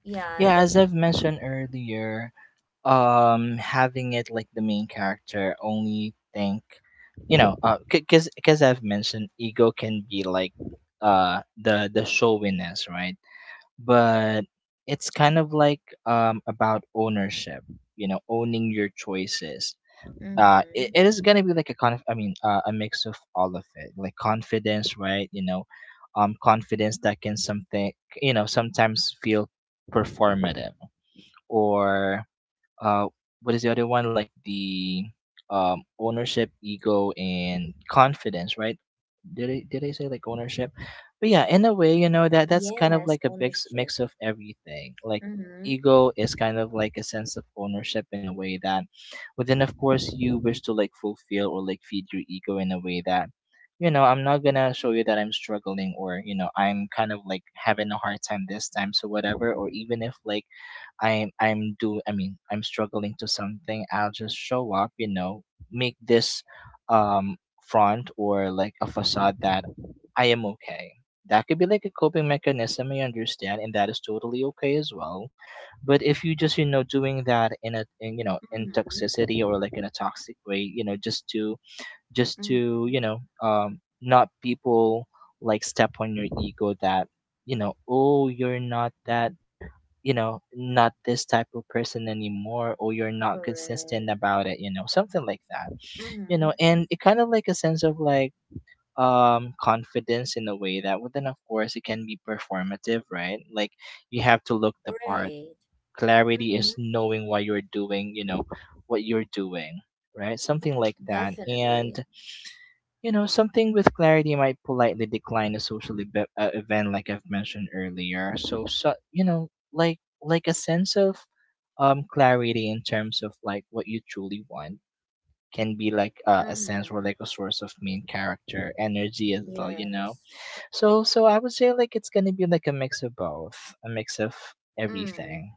Yeah, Yeah, that. as I've mentioned earlier, having it like the main character only think, you know. Because I've mentioned ego can be like the showiness, right? But it's kind of like, about ownership, you know, owning your choices. Uh, Mm-hmm. it is gonna be like a conf I mean a mix of all of it, like confidence, right? You know, confidence that can something, you know, sometimes feel performative, or uh what is the other one, like the, ownership, ego, and confidence, right? Did I say like ownership? But yeah, in a way, you know, that that's kind of Yes, like a big s- ownership. mix of everything. Like Mm-hmm. ego is kind of like a sense of ownership in a way that, but then of course you wish to like fulfill or like feed your ego in a way that, you know, I'm not gonna show you that I'm struggling, or, you know, I'm kind of like having a hard time this time, so whatever. Or even if like I'm struggling to something, I'll just show up, you know, make this um front or like a facade that I am okay. That could be like a coping mechanism, I understand, and that is totally okay as well. But if you just, you know, doing that in a, in, you know, in Mm-hmm. toxicity, or like in a toxic way, you know, just to, Mm-hmm. you know, not people like step on your ego that, you know, oh, you're not that, you know, not this type of person anymore, or you're not Correct. consistent about it, you know, something like that. You know, Mm-hmm. and it kind of like a sense of like, confidence in a way that, well, then of course it can be performative, right? Like you have to look the part. Right. Clarity Mm-hmm. is knowing why you're doing, you know, what you're doing, right? Something like that. Definitely. And you know, something with clarity might politely decline a social event, like I've mentioned earlier. So so, you know, like a sense of clarity in terms of like what you truly want can be like a sense, or Mm-hmm. like a source of main character energy as well, you know. Yes. So so I would say like it's gonna be like a mix of both, a mix of Mm. everything.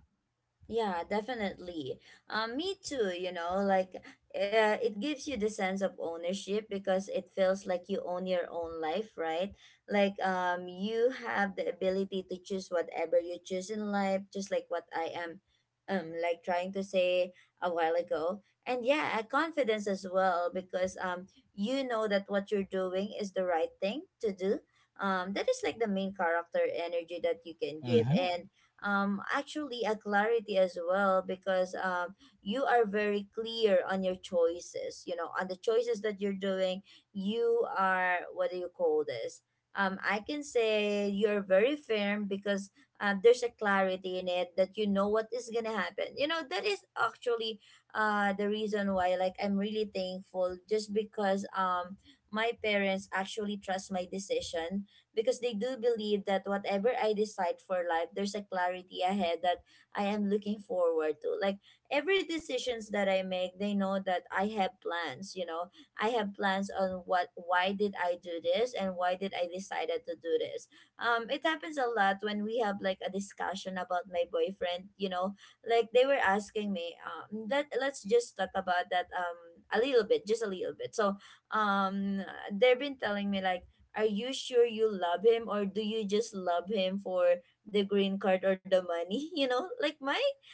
Yeah, definitely. Me too, you know, like it gives you the sense of ownership because it feels like you own your own life, right? Like you have the ability to choose whatever you choose in life, just like what I am like trying to say a while ago. And yeah, a confidence as well, because you know that what you're doing is the right thing to do. That is like the main character energy that you can give. Mhm. And actually a clarity as well, because you are very clear on your choices, you know, on the choices that you're doing. You are, what do you call this, I can say you're very firm because there's a clarity in it, that you know what is gonna happen. You know, that is actually the reason why like I'm really thankful, just because my parents actually trust my decision, because they do believe that whatever I decide for life, there's a clarity ahead that I am looking forward to. Like every decisions that I make, they know that I have plans, you know. I have plans on what, why did I do this, and why did I decided to do this. It happens a lot when we have like a discussion about my boyfriend, you know. Like they were asking me, that let's just talk about that a little bit, just a little bit. So um they've been telling me like, are you sure you love him, or do you just love him for the green card or the money? You know, like my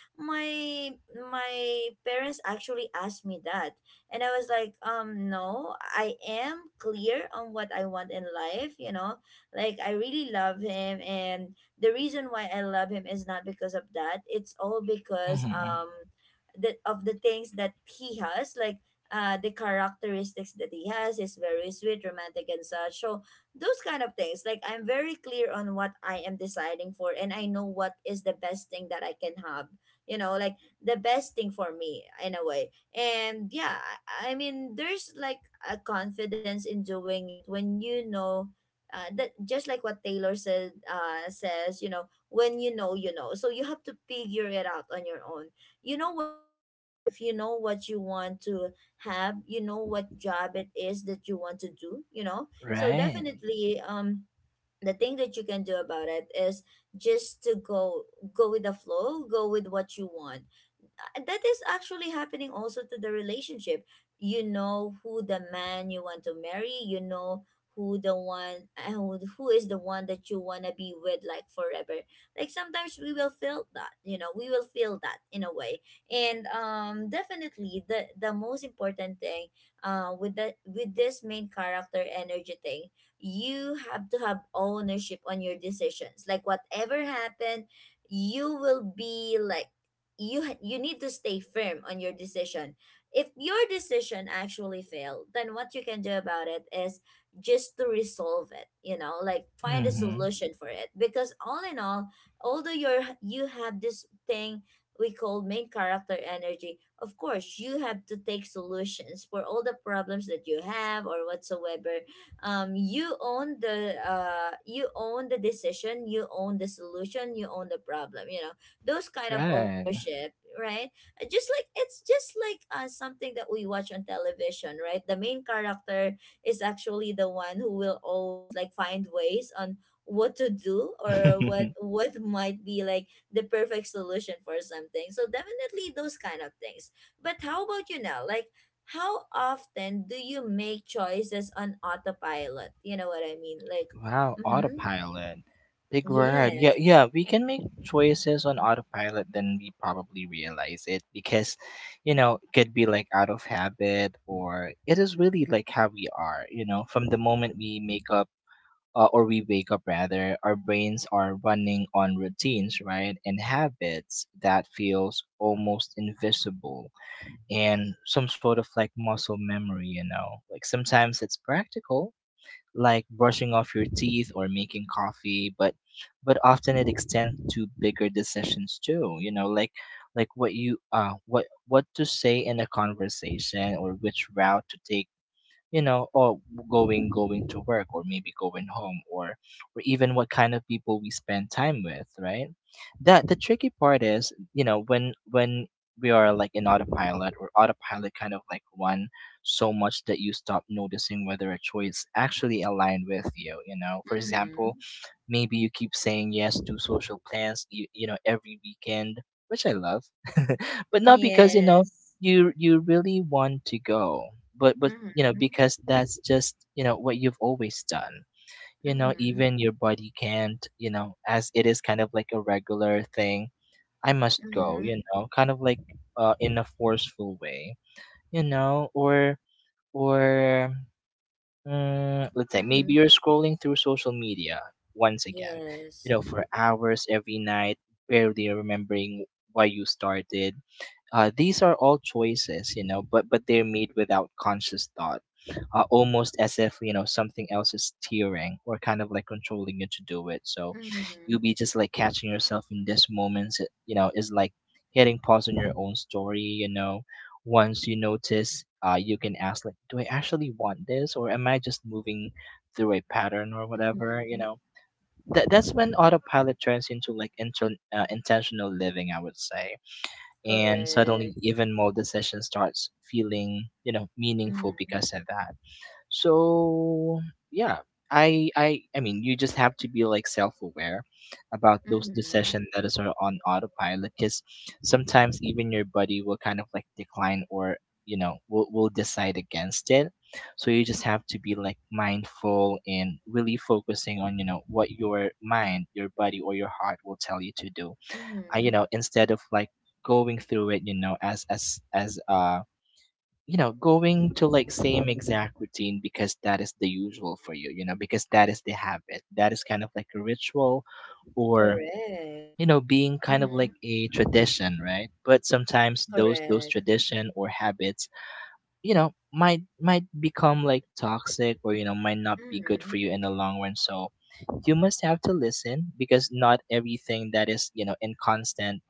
my my parents actually asked me that. And I was like, no, I am clear on what I want in life, you know. Like I really love him, and the reason why I love him is not because of that. It's all because Mhm. That of the things that he has, like the characteristics that he has is very sweet, romantic, and such. So those kind of things, like I'm very clear on what I am deciding for, and I know what is the best thing that I can have, you know, like the best thing for me in a way. And yeah, I mean, there's like a confidence in doing it when you know that just like what Taylor said says, you know, when you know you know. So you have to figure it out on your own. You know what you want in life, you know what you want to have, you know what job it is that you want to do, you know. So Right. definitely, the thing that you can do about it is just to go, go with the flow, go with what you want. That is actually happening also to the relationship. You know who the man you want to marry. You know who the one, who is the one that you want to be with like forever. Like sometimes we will feel that, you know, we will feel that in a way. And definitely the most important thing with the with this main character energy thing, you have to have ownership on your decisions. Like whatever happened, you will be like, you need to stay firm on your decision. If your decision actually failed, then what you can do about it is just to resolve it, you know, like find a Mhm. solution for it, because all in all, although you have this thing we call main character energy, of course, you have to take solutions for all the problems that you have or whatsoever. You own the you own the decision, you own the solution, you own the problem, you know, those kind of Right. ownership, right? Just like it's just like something that we watch on television, right? The main character is actually the one who will always like find ways on what to do, or what what might be like the perfect solution for something. So definitely those kind of things. But how about you now? Like, how often do you make choices on autopilot? You know what I mean? Like, Wow. mm-hmm. Autopilot. Big word. Yeah. Yes. Yeah. We can make choices on autopilot than we probably realize it, because, you know, it could be like out of habit, or it is really like how we are. You know, from the moment we make up or we wake up rather, our brains are running on routines, right, and habits that feels almost invisible, and some sort of like muscle memory, you know. Like sometimes it's practical, like brushing off your teeth or making coffee, but often it extends to bigger decisions too, you know, like what you what to say in a conversation or which route to take, you know, or going to work or maybe going home, or even what kind of people we spend time with, right? that the tricky part is, you know, when we are like in autopilot, or autopilot kind of like run so much that you stop noticing whether a choice actually aligned with you, you know. For Mm-hmm. example, maybe you keep saying yes to social plans every weekend, which I love, but not because Yes. you really want to go, but Mhm. because that's just, you know, what you've always done. You know, Mhm. even your body can't, you know, as it is kind of like a regular thing. I must go, you Mhm. know, kind of like, in a forceful way, you know, or let's say maybe you're Mhm. scrolling through social media once again, you Yes. know, for hours every night, barely remembering why you started. These are all choices, you know, but they're made without conscious thought, almost as if, you know, something else is steering or kind of like controlling you to do it. So you'll Mhm. be just like catching yourself in this moment, you know, is like hitting pause on your own story. You know, once you notice, you can ask like, "Do I actually want this, or am I just moving through a pattern or whatever?" You Mhm. know, that's when autopilot turns into like intentional living, I would say, and suddenly Correct. even more decisions starts feeling, you know, meaningful Mhm. because of that. So yeah, I mean, you just have to be like self-aware about those Mhm. decisions that is on autopilot, because sometimes even your body will kind of like decline, or you know, will decide against it. So you just have to be like mindful and really focusing on, you know, what your mind, your body or your heart will tell you to do. I, you Mhm. know, instead of like going through it, you know, as as you know, going to like same exact routine, because that is the usual for you, you know, because that is the habit, that is kind of like a ritual, or Correct. you know, being kind of Mhm. like a tradition, right? But sometimes those Correct. tradition or habits, you know, might become like toxic, or you know, might not be good Mhm. for you in the long run. So you must have to listen, because not everything that is, you know, in constant,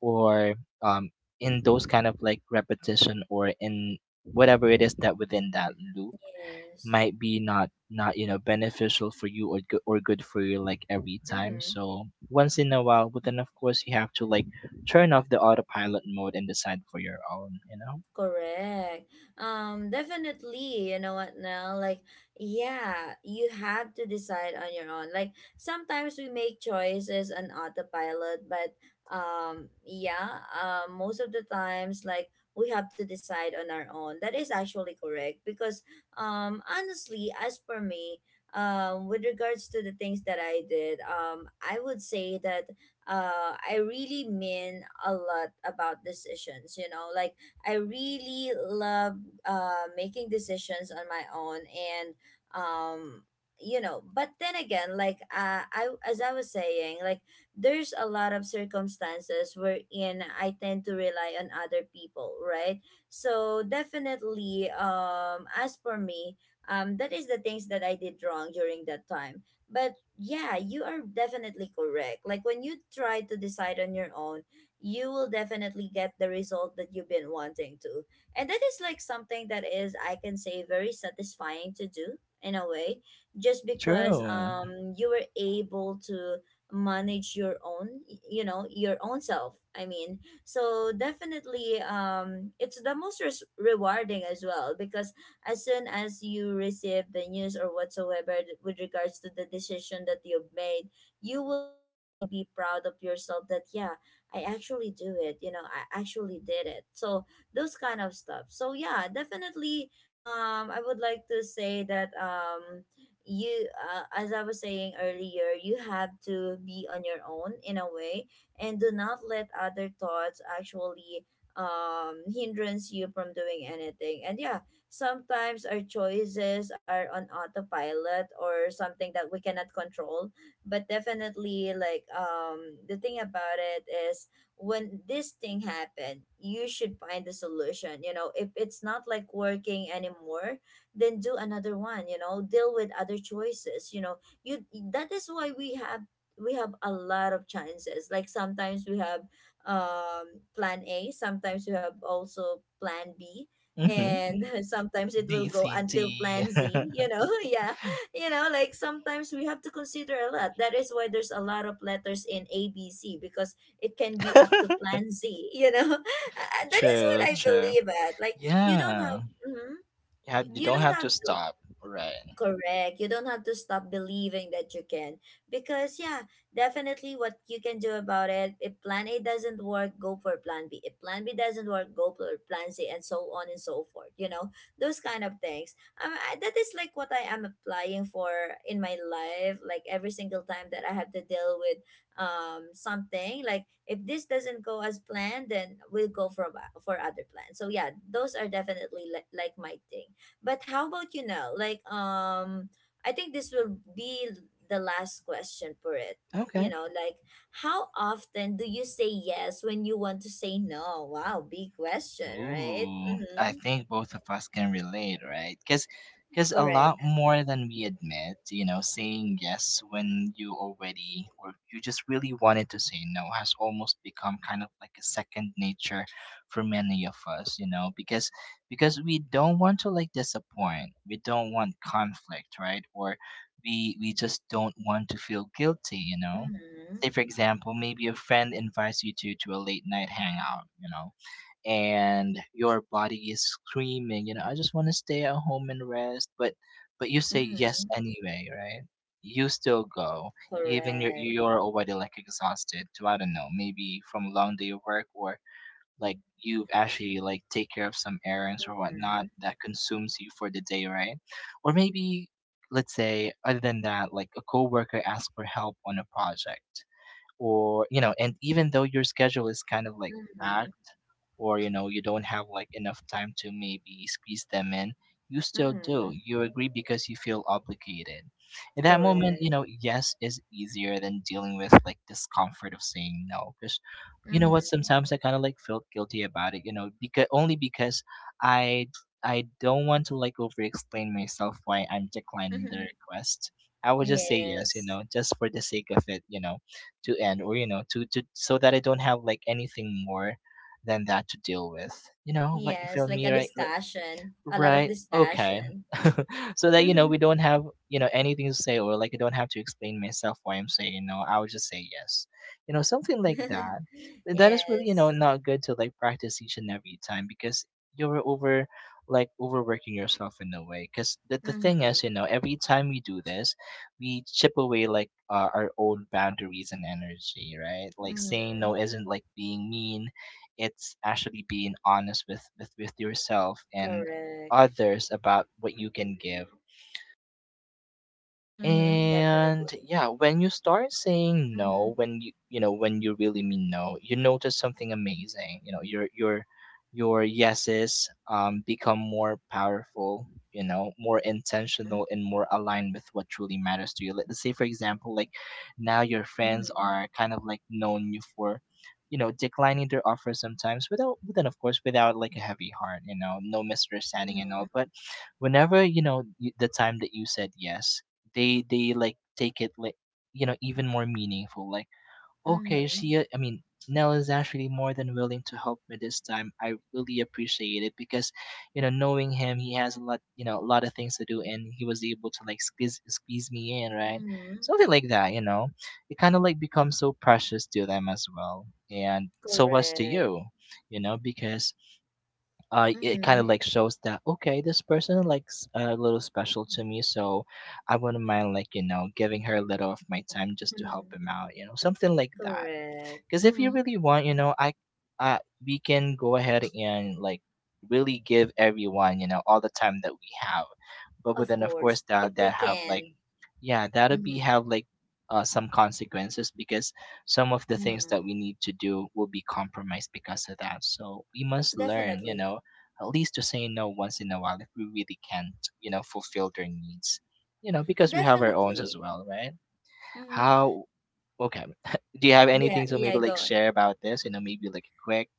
or um, in those kind of like repetition, or in whatever it is that within that loop, Yes. might be not, you know, beneficial for you, or good for you like every time. Mhm. So once in a while, but then of course, you have to like turn off the autopilot mode and decide for your own, you know. Correct. Definitely, you know what now? Like, yeah, you have to decide on your own. Like sometimes we make choices on autopilot, but yeah, most of the times like we have to decide on our own. That is actually correct because honestly, as per me, with regards to the things that I did, I would say that I really mean a lot about decisions, you know, like I really love making decisions on my own. And um you know But then again, like, I, as I was saying, like there's a lot of circumstances wherein I tend to rely on other people, right? So definitely, as for me, that is the things that I did wrong during that time. But yeah, you are definitely correct, like when you try to decide on your own you will definitely get the result that you've been wanting to. And that is like something that is, I can say, very satisfying to do in a way, just because True. You were able to manage your own you know, your own self, I mean. So definitely, it's the most rewarding as well, because as soon as you receive the news or whatsoever with regards to the decision that you've made, you will definitely be proud of yourself that, yeah, I actually do it, you know, I actually did it. So those kind of stuff. So yeah, definitely, I would like to say that you, as I was saying earlier, you have to be on your own in a way and do not let other thoughts actually hindrance you from doing anything. And yeah, sometimes our choices are on autopilot or something that we cannot control, but definitely, like, the thing about it is, when this thing happened, you should find the solution, you know, if it's not like working anymore, then do another one, you know, deal with other choices, you know. You That is why we have, we have a lot of chances. Like sometimes we have plan A, sometimes we have also plan B, Mm-hmm. and sometimes it will go Dcd. until plan Z, you know. Yeah, you know, like sometimes we have to consider a lot. That is why there's a lot of letters in ABC, because it can be up to plan Z, you know. That is what True, I true. believe at. Like you don't have Yeah. mhm. You, have, you You don't don't have have to to. stop. Right. Correct. You don't have to stop believing that you can. Because, yeah, definitely, what you can do about it, if plan A doesn't work, go for plan B. If plan B doesn't work, go for plan C, and so on and so forth. You know, those kind of things. That is like what I am applying for in my life. Like every single time that I have to deal with something, like if this doesn't go as planned, then we'll go for, for other plans. So, yeah, those are definitely like my thing. But how about you now? Like, I think this will be the last question for it. You Okay. know, like, how often do you say yes when you want to say no? Wow, big question, right? Ooh, I Mm-hmm. think both of us can relate, right? Because a lot Correct. more than we admit, you know, saying yes when you already, or you just really wanted to say no, has almost become kind of like a second nature for many of us, you know, because we don't want to like disappoint. We don't want conflict, right? Or we just don't want to feel guilty, you know. Mm-hmm. Say for example, maybe a friend invites you to a late night hangout, you know, and your body is screaming, you know, I just want to stay at home and rest, but you say yes Mm-hmm. anyway, right? You still go, even you're Correct. Already like exhausted. To, I don't know, maybe from a long day of work, or like you've actually like take care of some errands or Mm-hmm. whatnot that consumes you for the day, right? Or maybe, let's say other than that, like a coworker asks for help on a project, or you know, and even though your schedule is kind of like Mm-hmm. packed, or you know, you don't have like enough time to maybe squeeze them in, you still do, Mm-hmm. you agree, because you feel obligated. In that moment, you Correct. know, yes is easier than dealing with like discomfort of saying no, because, you know what, sometimes I kind of like felt guilty about it, you know, because only because i I don't want to like over explain myself why I'm declining the Mm-hmm. request. I would just say yes, you Yes. know, just for the sake of it, you know, to end, or you know, to so that I don't have like anything more than that to deal with, you know. Like you Yes, feel like a me, right? Like, discussion, a lot of right. Okay. discussion. So that, you know, we don't have, you know, anything to say, or like I don't have to explain myself why I'm saying no. I would just say yes. You know, something like that. But that is really, you know, Yes. not good to like practice each and every time, because you're over, like overworking yourself in a way. Because the thing Mm-hmm. is, you know, every time we do this, we chip away like our own boundaries and energy. Right. Like saying no Mhm. isn't like being mean. It's actually being honest with with yourself and Correct. others about what you can give. Mhm. And Definitely. yeah, when you start saying Mhm. no, when you really mean no, you notice something amazing. You know, your yeses become more powerful. You know, more Mhm. intentional and more aligned with what truly matters to you. Let's say for example, like now your friends Mhm. are kind of like known you for, you know, declining their offer sometimes without, but then of course without like a heavy heart, you know, no misunderstanding and Mhm. all. But whenever, you know, the time that you said yes, they like take it like, you know, even more meaningful, like, okay, Mhm. she, I mean, Nell is actually more than willing to help me this time. I really appreciate it because, you know, knowing him, he has a lot, you know, a lot of things to do, and he was able to like squeeze me in, right? Mhm. Something like that, you know. It kind of like becomes so precious to them as well, and so was to Correct. you, you know, because it kind of Mhm. like shows that, okay, this person likes a little special to me, so I wouldn't mind like, you know, giving her a little of my time just to help Hmm. him out, you know, something like that. Correct. Because if you Mhm. really want, you know, uh, we can go ahead and like really give everyone, you know, all the time that we have, but Of then of course course, if that we that have like can. yeah, that'll be Mhm. have like, some consequences, because some of the things that Mhm. we need to do will be compromised because of that. So we must learn, you Definitely. know, at least to say no once in a while, if we really can't, you know, fulfill their needs, you know, because we have our own as Definitely. well, right? Mhm. How. Okay. Do you have Yeah. anything to Yeah. maybe like Go. share about this, you know, maybe like a quick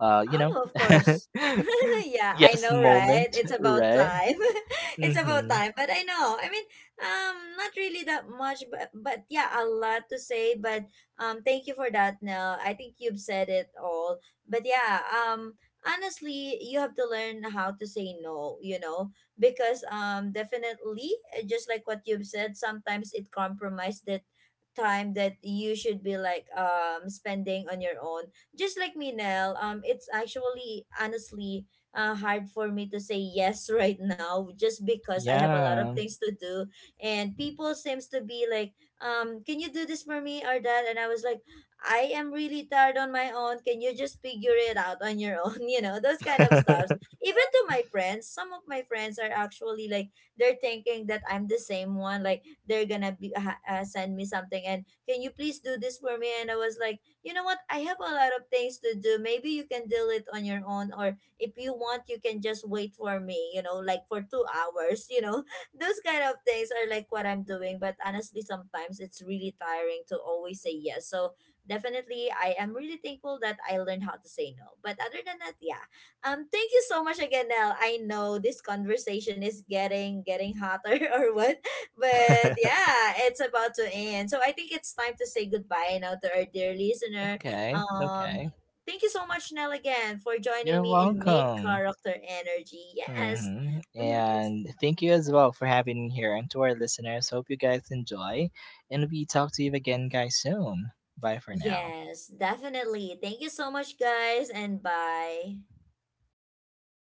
you know, Oh, of course. Yeah, I yes know, right? moment, It's about right? time. It's about Mm-hmm. time. But I know. I mean, not really that much, but yeah, a lot to say. But thank you for that. Now, I think you've said it all. But yeah, honestly, you have to learn how to say no. You know, because definitely, just like what you've said, sometimes it compromises that time that you should be like spending on your own. Just like me, Nell, it's actually honestly hard for me to say yes right now, just because I have a lot of Yeah. things to do. And people seems to be like, can you do this for me or that? And I was like, I am really tired on my own. Can you just figure it out on your own? You know, those kind of stuff. Even to my friends, some of my friends are actually like, they're thinking that I'm the same one. Like, they're gonna be send me something and can you please do this for me, and I was like, you know what? I have a lot of things to do. Maybe you can deal it on your own, or if you want, you can just wait for me, you know, like for 2 hours, you know. Those kind of things are like what I'm doing. But honestly, sometimes it's really tiring to always say yes. So definitely, I am really thankful that I learned how to say no. But other than that, yeah. Thank you so much again, Nell. I know this conversation is getting hotter or what, but yeah, it's about to end. So I think it's time to say goodbye now to our dear listener. Okay, Um, okay. thank you so much, Nell, again for joining You're me in Main welcome. Character Energy. Yes. Hmm. Mm-hmm. And thank you as well for having me here. And to our listeners, hope you guys enjoy. And we talk to you again, guys, soon. Bye for now. Yes, definitely. Thank you so much, guys, and bye.